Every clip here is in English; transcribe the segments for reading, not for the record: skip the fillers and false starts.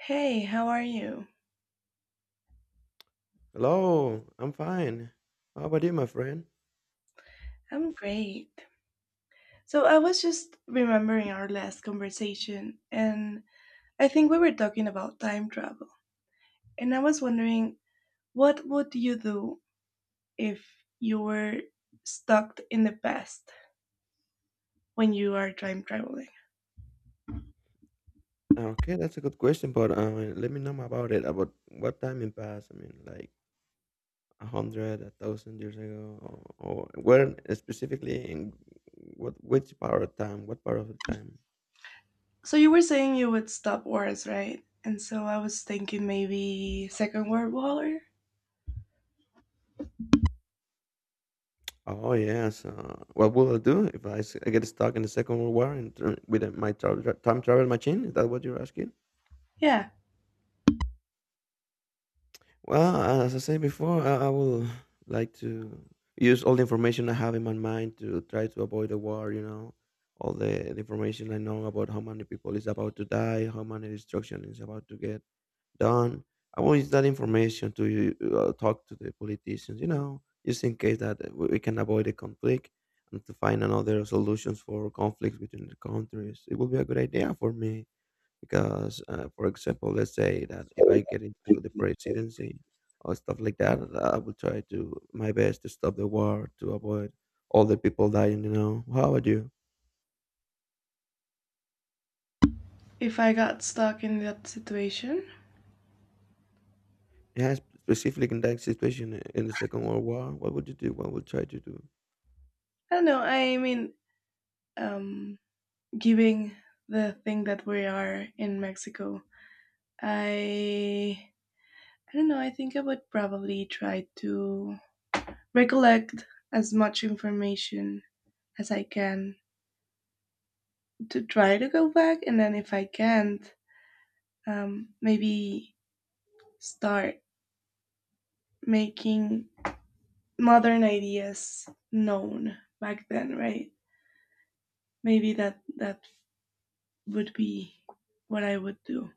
Hey, how are you? Hello, I'm fine. How about you, my friend? I'm great. So I was just remembering our last conversation, and I think we were talking about time travel. And I was wondering, what would you do if you were stuck in the past when you are time traveling? Okay, that's a good question, but let me know more about it. About what time in past? I mean, like a hundred, a thousand years ago, or where specifically in what which part of time? What part of the time? So you were saying you would stop wars, right? And so I was thinking maybe Second World War? Oh yes. What will I do if I get stuck in the Second World War and with my time travel machine? Is that what you're asking? Yeah, Well, as I said before, I will like to use all the information I have in my mind to try to avoid the war. You know, all the, the information I know about how many people is about to die, how many destruction is about to get done. I want use that information to talk to the politicians, you know, just in case that we can avoid a conflict and to find another solutions for conflicts between the countries. It will be a good idea for me because, for example, let's say that if I get into the presidency or stuff like that, I will try to my best to stop the war to avoid all the people dying. You know, how about you? if I got stuck in that situation. Yes, specifically in that situation in the Second World War, what would you do? What would you try to do? I don't know. I mean, um, Giving the thing that we are in Mexico. I I don't know, I think I would probably try to recollect as much information as I can to try to go back and then if I can't, maybe start making modern ideas known back then, right? Maybe that would be what I would do.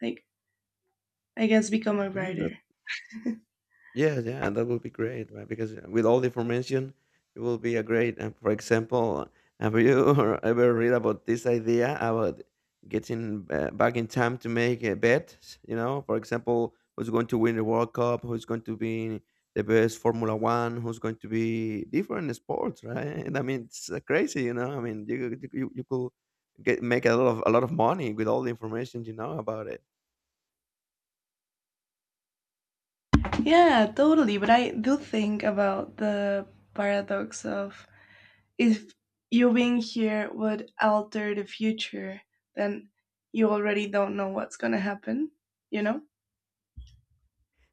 Like I guess become a Mm, writer. Yeah, yeah, that would be great, right? Because with all the information, it will be a great. And for example, have you ever read about this idea about getting back in time to make a bet? You know, for example, who's going to win the World Cup? Who's going to be the best Formula One? Who's going to be different sports, right? And I mean, it's crazy, you know. I mean, you could get make a lot of money with all the information you know about it. Yeah, totally. But I do think about the paradox of if you being here would alter the future, then you already don't know what's gonna happen, you know?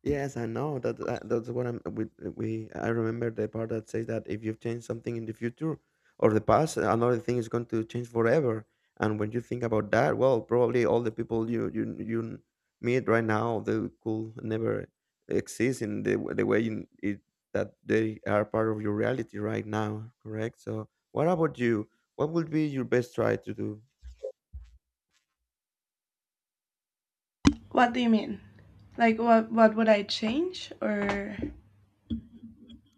Yes, I know that. That's what I'm. We, we. I remember the part that says that if you've changed something in the future or the past, another thing is going to change forever. And when you think about that, well, probably all the people you meet right now, they could never exist in the way in it, that they are part of your reality right now. Correct. So, what about you? What would be your best try to do? What do you mean? Like what would I change? Or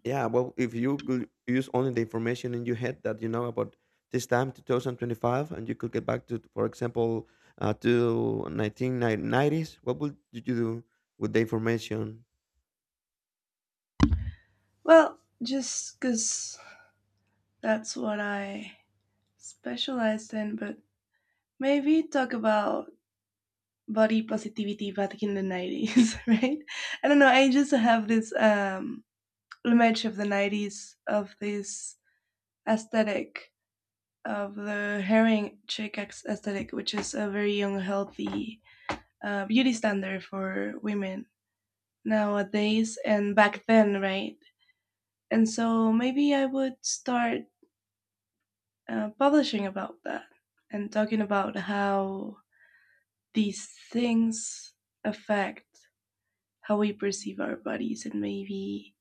Yeah, well, if you could use only the information in your head that you know about this time, 2025, and you could get back to, for example, to 1990s, what would you do with the information? well, just cuz that's what I specialized in, but maybe talk about body positivity back in the 90s, right? I don't know, I just have this image of the 90s of this aesthetic of the herring chick aesthetic, which is a very unhealthy beauty standard for women nowadays and back then, right? And so maybe I would start publishing about that and talking about how these things affect how we perceive our bodies, and maybe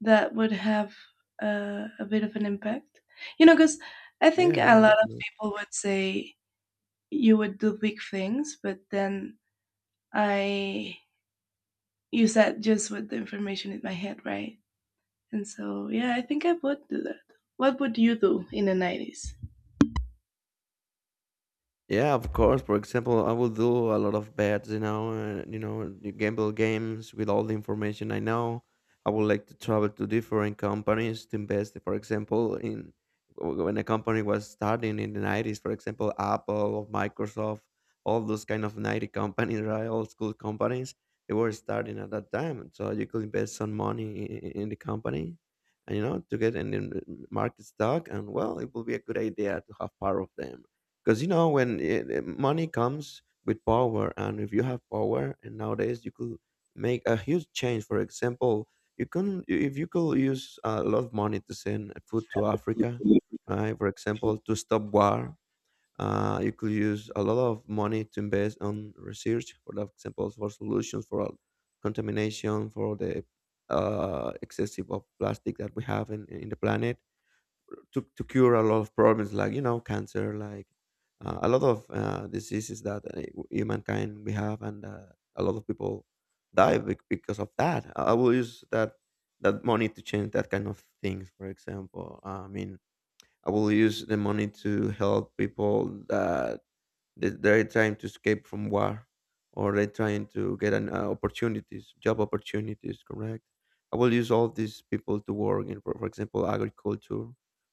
that would have a bit of an impact. You know, because I Yeah, think yeah, a lot of no, people would say you would do big things, but then I use that just with the information in my head, right? And so, yeah, I think I would do that. What would you do in the 90s? Yeah, of course. For example, I will do a lot of bets, you know, and you know, you gamble games with all the information I know. I would like to travel to different companies to invest. For example, in when a company was starting in the nineties, for example, Apple, Microsoft, all those kind of ninety companies, right? Old school companies, they were starting at that time. So you could invest some money in the company, and you know, to get in the market stock, and well, it will be a good idea to have part of them because you know when money comes with power, and if you have power and nowadays you could make a huge change. For example, you can, if you could use a lot of money to send food to Africa, right, for example, to stop war, you could use a lot of money to invest on research, for example, for solutions for all contamination, for the excessive of plastic that we have in the planet, to cure a lot of problems, like, you know, cancer, like a lot of diseases that humankind we have, and a lot of people die because of that. I will use that money to change that kind of things, for example. I mean, I will use the money to help people that they're trying to escape from war, or they're trying to get an opportunities, job opportunities. Correct. I will use all these people to work for example, agriculture,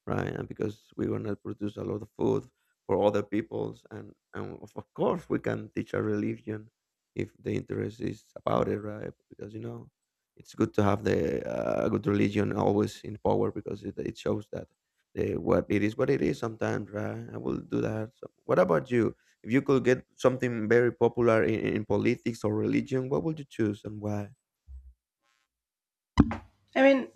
right? And because we're gonna produce a lot of food for other peoples, and of course, we can teach a religion if the interest is about it, right? Because you know it's good to have the good religion always in power, because it shows that the, what it is, sometimes, right. I will do that. So what about you, if you could get something very popular in politics or religion, what would you choose and why? I mean,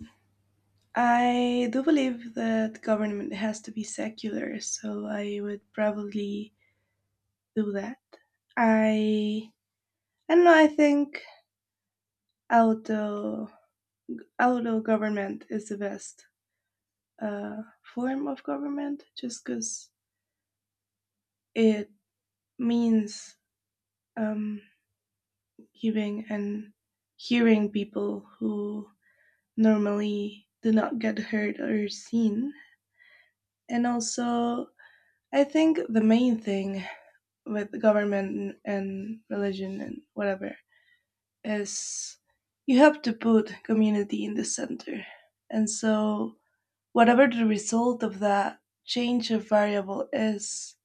I do believe that government has to be secular, so I would probably do that. I I don't know. I think I would although government is the best uh, form of government, just because it means, um, giving and hearing people who normally do not get heard or seen. And also, I think the main thing with government and religion and whatever is you have to put community in the center. And so, whatever the result of that change of variable is,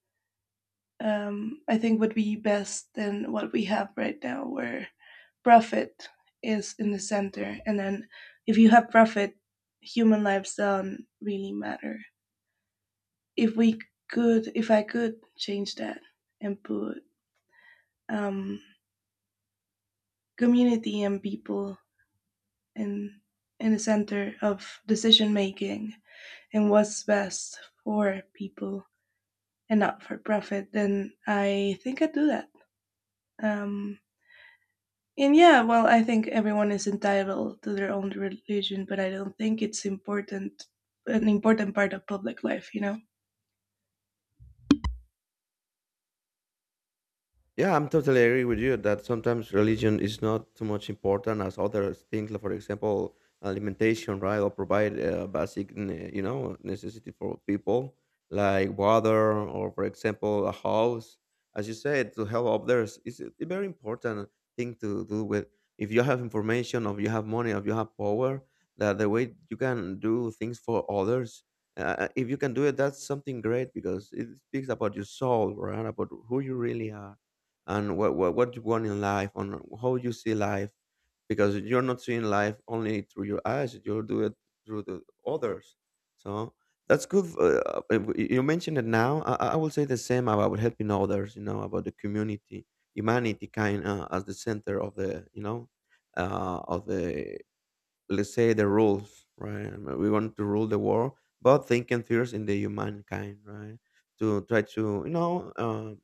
I think would be best than what we have right now, where profit is in the center. And then if you have profit, human lives don't really matter. If we if I could change that and put, um, community and people in in the center of decision making and what's best for people and not for profit, then I think I'd do that. Um, And yeah, well, I think everyone is entitled to their own religion, but I don't think it's important an important part of public life, you know. Yeah, I'm totally agree with you that sometimes religion is not too much important as other things, like for example, alimentation, right, or provide basic, you know, necessity for people like water or, for example, a house. As you said, to help others is a very important thing to do with. If you have information, or you have money, or you have power, that the way you can do things for others, if you can do it, that's something great, because it speaks about your soul, right, about who you really are and what you want in life, on how you see life, because you're not seeing life only through your eyes. You do it through the others. So that's good. Uh, you mentioned it now. I will say the same about helping others, you know, about the community, humanity kind, as the center of the, you know, of the, let's say, the rules, right. I mean, we want to rule the world, but thinking first in the humankind, right, to try to, you know, uh,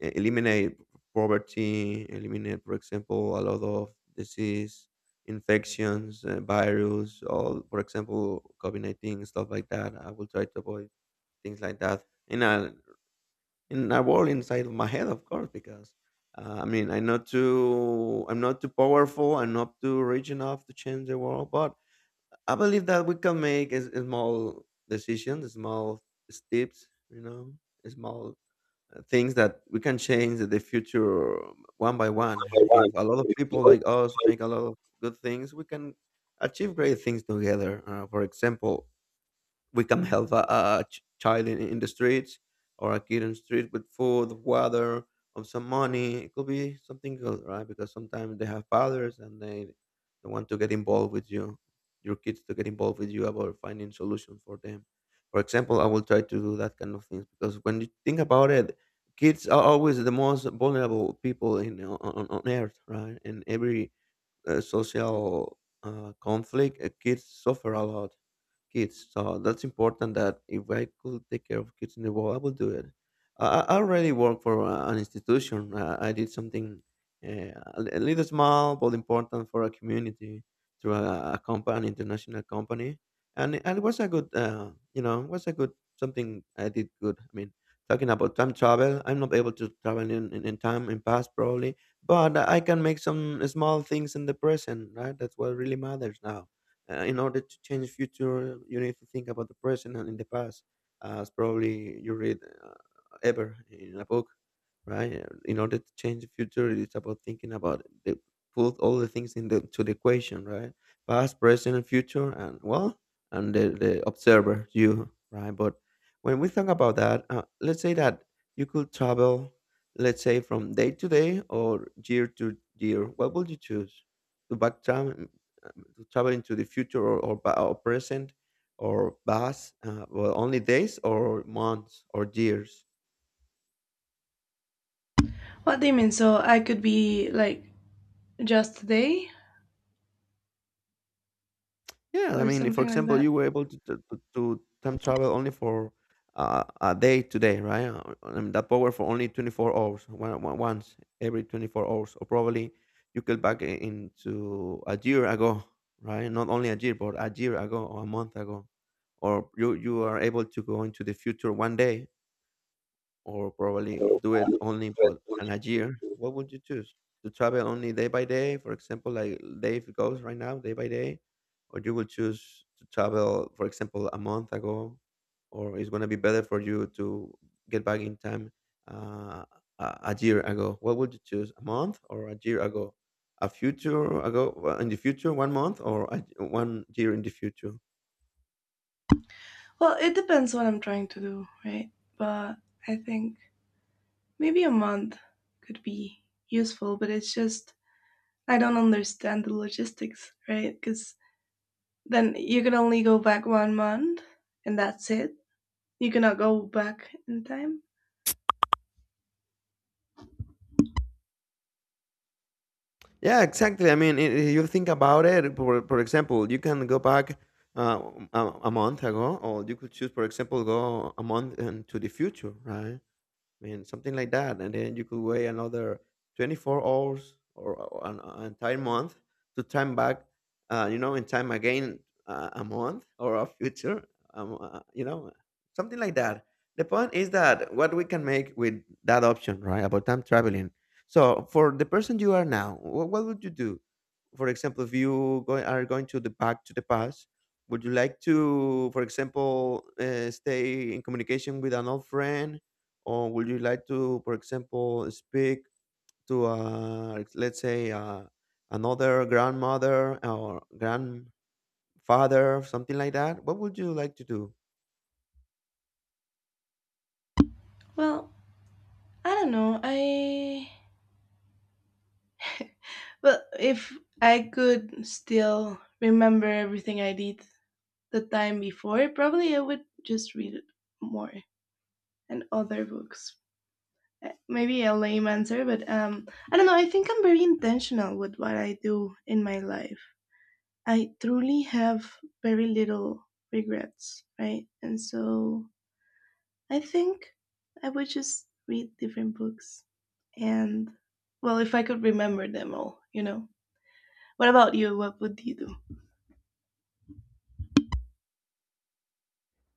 eliminate poverty, eliminate, for example, a lot of disease, infections, virus, all, for example, COVID 19, stuff like that. I will try to avoid things like that in a world inside of my head, of course, because I mean, I'm not too powerful. I'm not too rich enough to change the world, but I believe that we can make a, small decisions, small steps, you know, small things, that we can change the future one by one. If a lot of people like us make a lot of good things, we can achieve great things together. For example, we can help a, child in the streets, or a kid in the street with food, water, or some money. It could be something good, right? Because sometimes they have fathers and they want to get involved with you, your kids to get involved with you about finding solutions for them. For example, I will try to do that kind of things because when you think about it, kids are always the most vulnerable people in on earth, right? In every social conflict, kids suffer a lot, kids. So that's important that if I could take care of kids in the world, I will do it. I already work for an institution. I did something a little small but important for a community through a company, international company. And, and it was a good, you know, it was a good something I did good. I mean, talking about time travel, I'm not able to travel in time in past probably, but I can make some small things in the present, right? That's what really matters now. In order to change the future, you need to think about the present and in the past, as probably you read ever in a book, right? In order to change the future, it's about thinking about put all the things in the to the equation, right? Past, present, and future, and well, and the observer, you, right? But when we think about that, let's say that you could travel, let's say from day to day or year to year. What would you choose? To back time, to travel into the future or present or past, well, only days or months or years? What do you mean? So I could be like just they Yeah, I or mean, for something like example, that? you were able to time travel only for a day today, right? I mean, that power for only 24 hours, once every 24 hours, or probably you get back into a year ago, right? Not only a year, but a year ago or a month ago, or you are able to go into the future one day, or probably do it only for in a year, what would you choose? To travel only day by day, for example, like Dave goes right now, day by day, or you will choose to travel, for example, a month ago, or it's gonna be better for you to get back in time uh, a year ago. What would you choose? A month or a year ago? A future ago in the future, one month or one year in the future? Well, it depends what I'm trying to do, right? But I think maybe a month could be useful, but it's just I don't understand the logistics, right? Because then you can only go back 1 month and that's it. You cannot go back in time. Yeah, exactly. I mean, if you think about it, for example, you can go back uh, a, a month ago, or you could choose, for example, go a month into the future, right? I mean, something like that, and then you could wait another 24 hours or an entire month to time back, you know, in time again a month or a future, you know, something like that. The point is that what we can make with that option, right, about time traveling. So, for the person you are now, what would you do? For example, if you are going to the back to the past, would you like to, for example, stay in communication with an old friend? Or would you like to, for example, speak to, let's say, another grandmother or grandfather, something like that? What would you like to do? Well, I don't know. I well, if I could still remember everything I did the time before, probably I would just read it more and other books. Eh, maybe a lame answer, but I don't know. I think I'm very intentional with what I do in my life. I truly have very little regrets, right? And so I think I would just read different books, and well, if I could remember them all, you know. What about you? What would you do?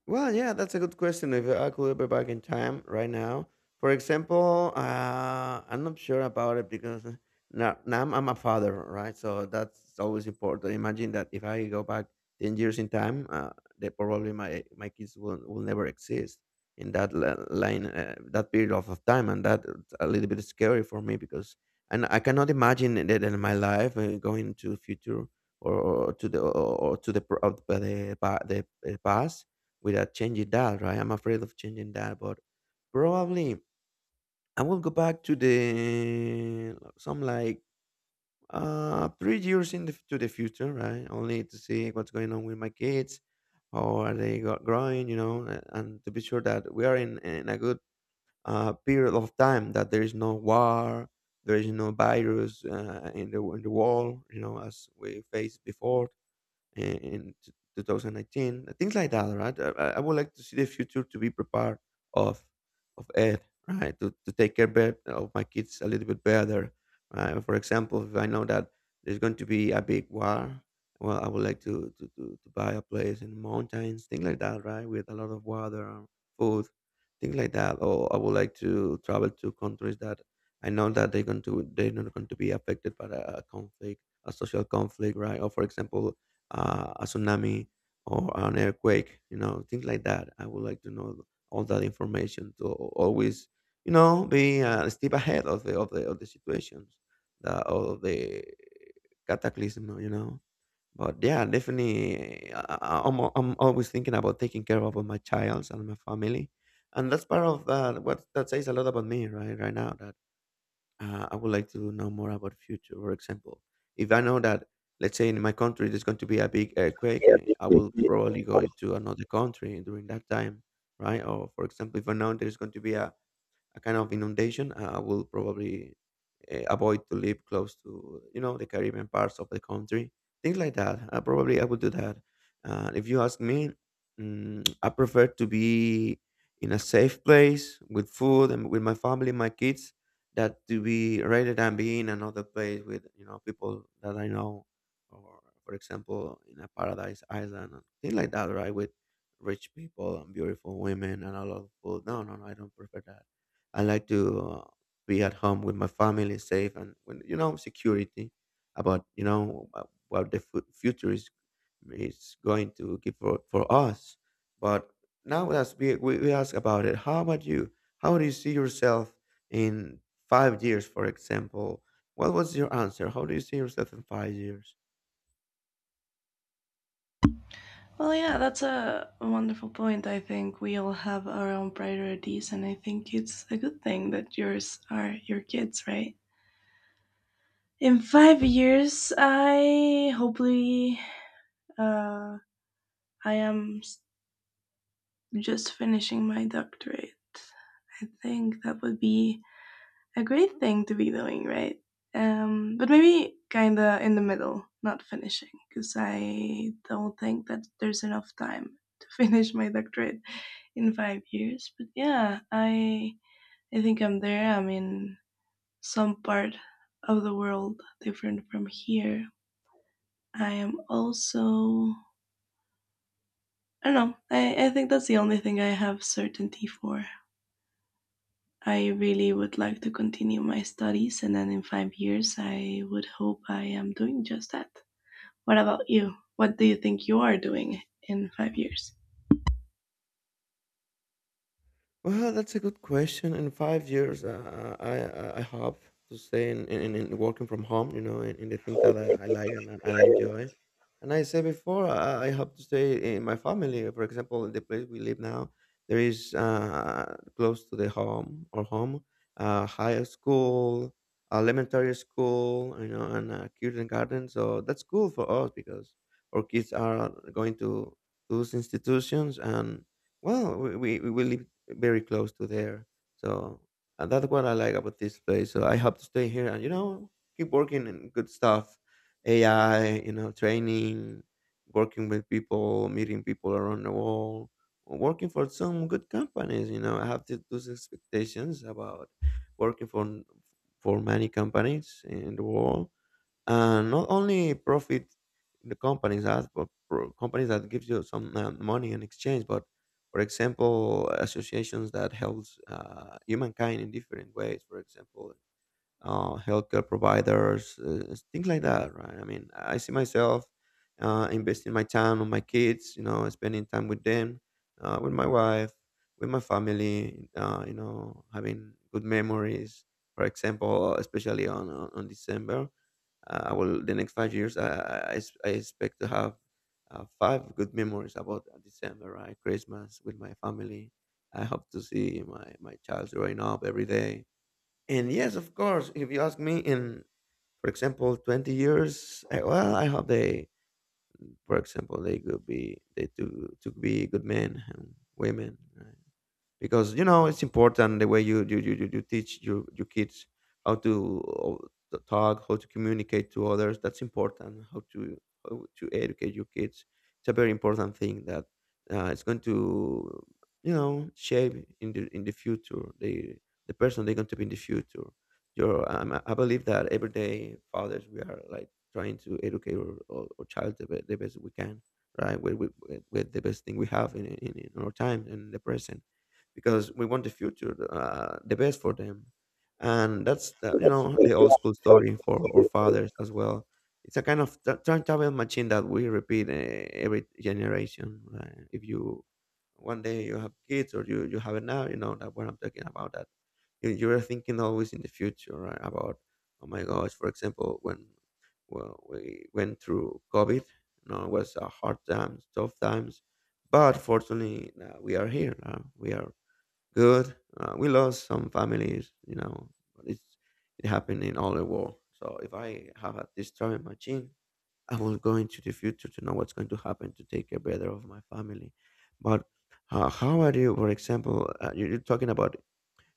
Well, yeah, that's a good question. If I could be back in time right now, for example, I'm not sure about it because now I'm a father, right? So that's always important. Imagine that if I go back 10 years in time, that probably my kids will never exist in that line, that period of time, and that's a little bit scary for me because and I cannot imagine that in my life going to future or, or to the or, or to the, pro- of the, pa- the past without changing that, right? I'm afraid of changing that, but probably I will go back to the some like 3 years in the future, right? Only to see what's going on with my kids, how are they growing, you know, and to be sure that we are in a good period of time, that there is no war, there is no virus in the world, you know, as we faced before in 2019, things like that, right? I would like to see the future to be prepared of of ed, right? To take care of my kids a little bit better. Right? For example, if I know that there's going to be a big war, well, I would like to to buy a place in the mountains, things like that, right? With a lot of water, and food, things like that. Or I would like to travel to countries that I know that they're not going to be affected by a conflict, a social conflict, right? Or for example, a tsunami or an earthquake, you know, things like that. I would like to know all that information to always, you know, be a step ahead of the of the of the situations, the of the cataclysm, you know. But yeah, definitely, I'm always thinking about taking care of my child and my family, and that's part of that. What that says a lot about me, right? Right now, that I would like to know more about the future. For example, if I know that, let's say in my country, there's going to be a big earthquake, Yeah, I will definitely. probably go into another country during that time, right? Or for example, if I know there's going to be a kind of inundation, I will probably avoid to live close to, you know, the Caribbean parts of the country, things like that. Probably I would do that. If you ask me, mm, I prefer to be in a safe place with food and with my family, my kids, that to be rather than being in another place with, you know, people that I know, or for example in a paradise island, and things like that, right? With rich people and beautiful women and a lot of food. No, no, no, I don't prefer that. I like to be at home with my family, safe, and when you know security about, you know, what the future is going to give for us. But now that we ask about it, how about you? How do you see yourself in 5 years, for example? What was your answer? How do you see yourself in 5 years? Well, yeah, that's a wonderful point. I think we all have our own priorities, and I think it's a good thing that yours are your kids, right? In 5 years, I hopefully, uh, I am s- just finishing my doctorate. I think that would be a great thing to be doing, right? But maybe kind of in the middle, not finishing, because I don't think that there's enough time to finish my doctorate in 5 years. But yeah, I think I'm there. I'm in some part of the world different from here. I am also I don't know. I think that's the only thing I have certainty for. I really would like to continue my studies, and then in 5 years, I would hope I am doing just that. What about you? What do you think you are doing in 5 years? Well, that's a good question. In 5 years, I hope to stay in working from home, you know, in the thing that I like and I enjoy. And I said before, I hope to stay in my family. For example, in the place we live now, there is close to the home or home, high school, elementary school, you know, and kindergarten. So that's cool for us because our kids are going to those institutions and well, we live very close to there, so and that's what I like about this place. So I hope to stay here and, you know, keep working in good stuff, AI, you know, training, working with people, meeting people around the world, working for some good companies. You know, I have those expectations about working for many companies in the world and not only profit the companies that but companies that gives you some money in exchange, but for example associations that helps humankind in different ways, for example healthcare providers, things like that, right? I mean, I see myself investing my time on my kids, you know, spending time with them, with my wife, with my family, you know, having good memories. For example, especially on December, I will the next 5 years. I expect to have five good memories about December, right? Christmas with my family. I hope to see my child growing up every day. And yes, of course, if you ask me in, for example, 20 years, I, well, I hope they, for example, they could be, to be good men and women. Right? Because you know it's important the way you teach your kids how to talk, how to communicate to others, that's important, how to educate your kids, it's a very important thing that it's going to, you know, shape in the future the person they're going to be in the future. Your I believe that every day fathers we are like trying to educate our child the the best we can, right, with the best thing we have in our time and the present, because we want the future, the best for them. And that's the, you know, the old school story for our fathers as well. It's a kind of time travel machine that we repeat every generation, right? If you one day you have kids or you have it now, you know that what I'm talking about, that you're thinking always in the future, right, about oh my gosh, for example, when well, we went through covid, you know, it was a hard times, tough times, but fortunately we are here now, we are good. We lost some families, you know, but it's, it happened in all the world. So if I have a this time machine, I will go into the future to know what's going to happen to take care better of my family. But how are you, for example? You're talking about,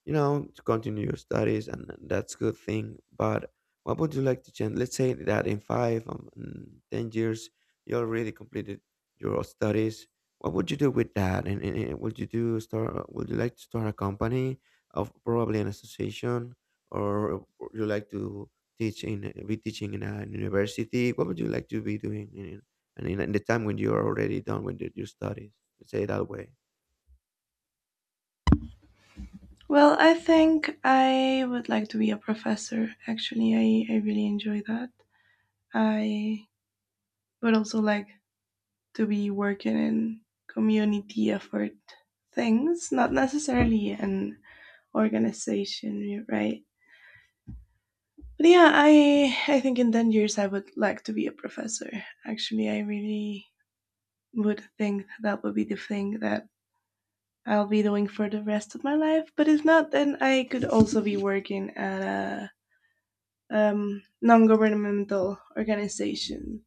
you know, to continue your studies, and that's good thing, but what would you like to change, let's say, that in 10 years you already completed your studies, what would you do with that, and, would you do start would you like to start a company, of probably an association, or would you like to teach in be teaching in a university? What would you like to be doing in the time when you're already done with your studies, let's say it that way? Well, I think I would like to be a professor. Actually, I really enjoy that. I would also like to be working in community effort things, not necessarily an organization, right? But yeah, I think in 10 years I would like to be a professor. Actually, I really would think that would be the thing that I'll be doing for the rest of my life. But if not, then I could also be working at a, non-governmental organization.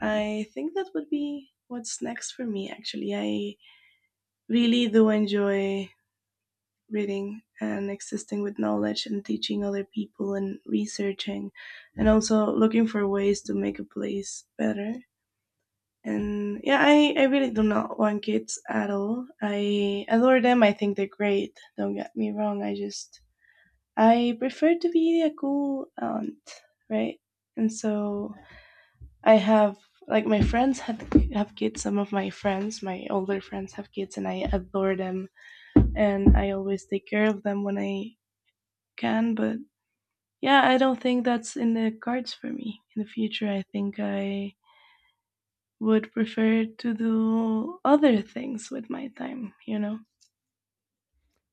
I think that would be what's next for me. Actually, I really do enjoy reading and existing with knowledge and teaching other people and researching and also looking for ways to make a place better. And yeah, I really do not want kids at all. I adore them, I think they're great, don't get me wrong, I just I prefer to be a cool aunt, right? And so I have, like my friends have, have kids. Some of my friends, my older friends have kids and I adore them, and I always take care of them when I can, but yeah, I don't think that's in the cards for me in the future. I think I would prefer to do other things with my time, you know?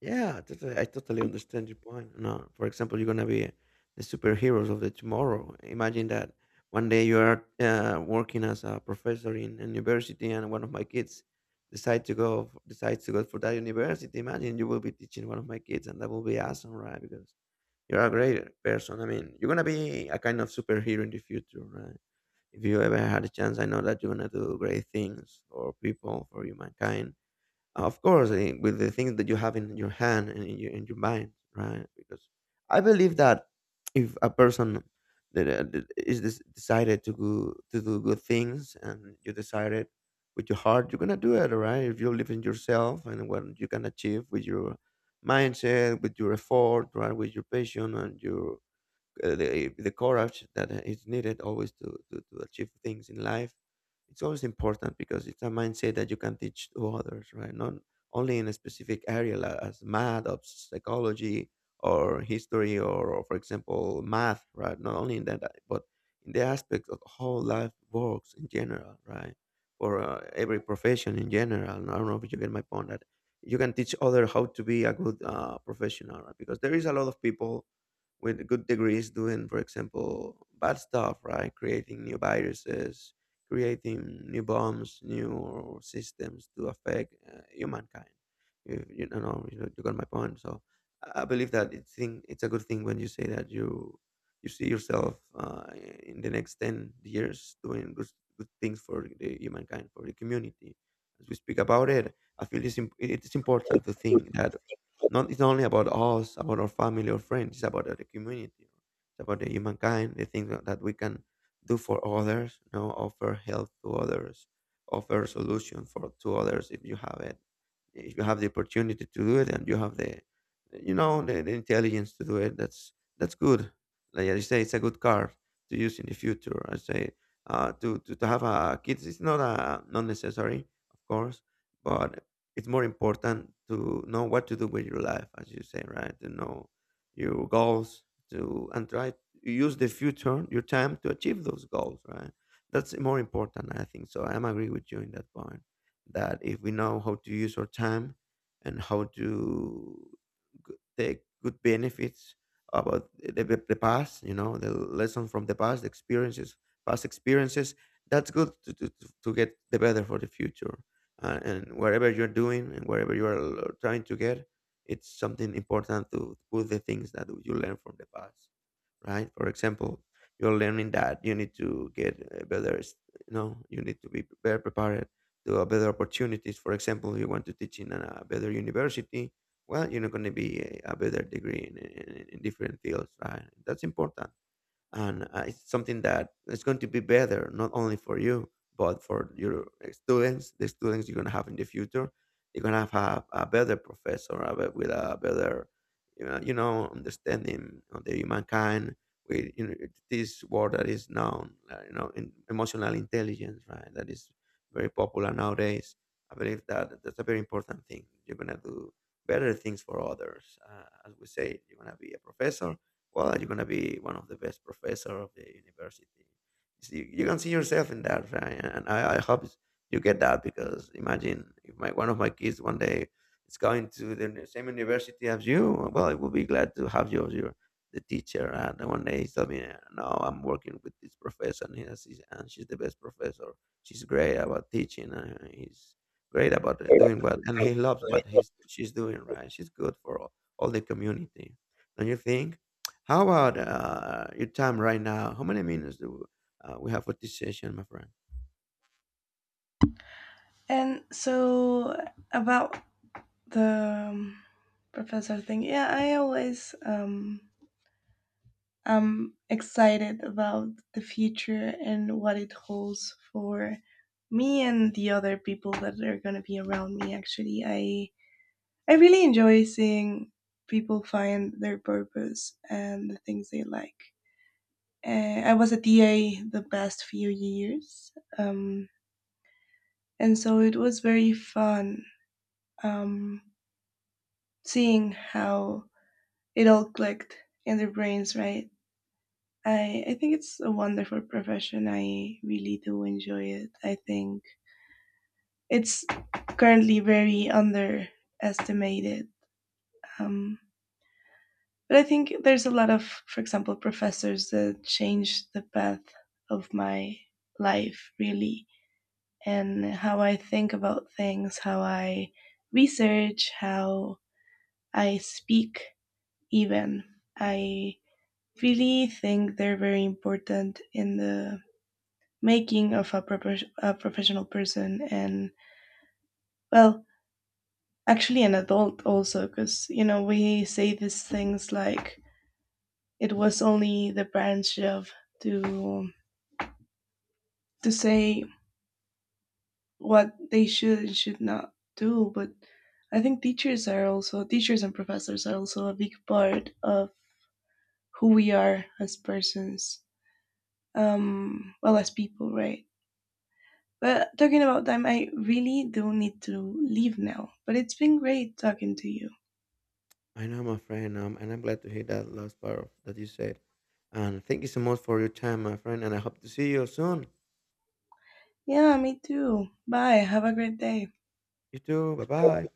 Yeah, totally. I totally understand your point. No, for example, you're gonna be the superheroes of the tomorrow. Imagine that one day you are working as a professor in a university, and one of my kids decides to go for that university. Imagine you will be teaching one of my kids, and that will be awesome, right? Because you're a great person. I mean, you're gonna be a kind of superhero in the future, right? If you ever had a chance, I know that you're gonna do great things for people, for humankind of course, with the things that you have in your hand and in your mind, right? Because I believe that if a person that, that is this decided to go, to do good things and you decided with your heart, you're gonna do it, right? If you believe in yourself and what you can achieve with your mindset, with your effort, right, with your passion and your the courage that is needed always to achieve things in life. It's always important because it's a mindset that you can teach to others, right? Not only in a specific area like as math or psychology or history, or for example math, right? Not only in that, but in the aspect of how life works in general, right? For every profession in general. I don't know if you get my point, that you can teach other how to be a good professional, right? Because there is a lot of people with good degrees doing, for example, bad stuff, right? Creating new viruses, creating new bombs, new systems to affect humankind. You don't know, you got my point. So I believe that it's a good thing when you say that you see yourself in the next 10 years doing good things for the humankind, for the community. As we speak about it, I feel it's important to think that not it's not only about us, about our family or friends. It's about the community. It's about the humankind. The things that we can do for others. You know, offer help to others, offer solution for to others if you have it. If you have the opportunity to do it and you have the, you know, the intelligence to do it, that's good. Like I say, it's a good card to use in the future. I say to have a kids. It's not a not necessary, of course, but it's more important to know what to do with your life, as you say, right? To know your goals, to and try to use the future, your time to achieve those goals, right? That's more important, I think. So I'm agree with you in that point. That if we know how to use our time and how to take good benefits about the, the past, you know, the lesson from the past, the experiences, past experiences, that's good to get the better for the future, and whatever you're doing and wherever you are trying to get, it's something important to put the things that you learn from the past, right? For example, you're learning that you need to get you know, you need to be better prepared to, better opportunities. For example, you want to teach in a better university. Well, you're not going to be a better degree in, in different fields, right? That's important. And it's something that is going to be better not only for you but for your students, the students you're going to have in the future. You're going to have a better professor, with a better, you know, understanding of the humankind. With, you know, this word that is known, you know, in emotional intelligence, right? That is very popular nowadays. I believe that that's a very important thing. You're going to do better things for others. As we say, you're going to be a professor. Well, you're gonna be one of the best professor of the university. So you can see yourself in that, right? And I hope you get that, because imagine if my one of my kids one day is going to the same university as you. Well, I will be glad to have you as your the teacher. And then one day he told me, "No, I'm working with this professor, and, she's the best professor. She's great about teaching. And he's great about doing what, and he loves what he's she's doing. Right? She's good for all the community." Don't you think? How about your time right now? How many minutes do we have for this session, my friend? And so about the professor thing, yeah, I always am excited about the future and what it holds for me and the other people that are going to be around me actually. I really enjoy seeing people find their purpose and the things they like. I was a TA the past few years, um, and so it was very fun, um, seeing how it all clicked in their brains, right? I think it's a wonderful profession. I really do enjoy it. I think it's currently very underestimated. Um, But I think there's a lot of, for example, professors that changed the path of my life really, and how I think about things, how I research, how I speak, even. I really think they're very important in the making of a a professional person and, well, actually an adult also, because, you know, we say these things like it was only the parents' job to to say what they should and should not do, but I think teachers are also teachers and professors are also a big part of who we are as persons, well as people, right? But talking about time, I really do need to leave now. But it's been great talking to you. I know, my friend, and I'm glad to hear that last part that you said. And thank you so much for your time, my friend, and I hope to see you soon. Yeah, me too. Bye. Have a great day. You too. Bye bye.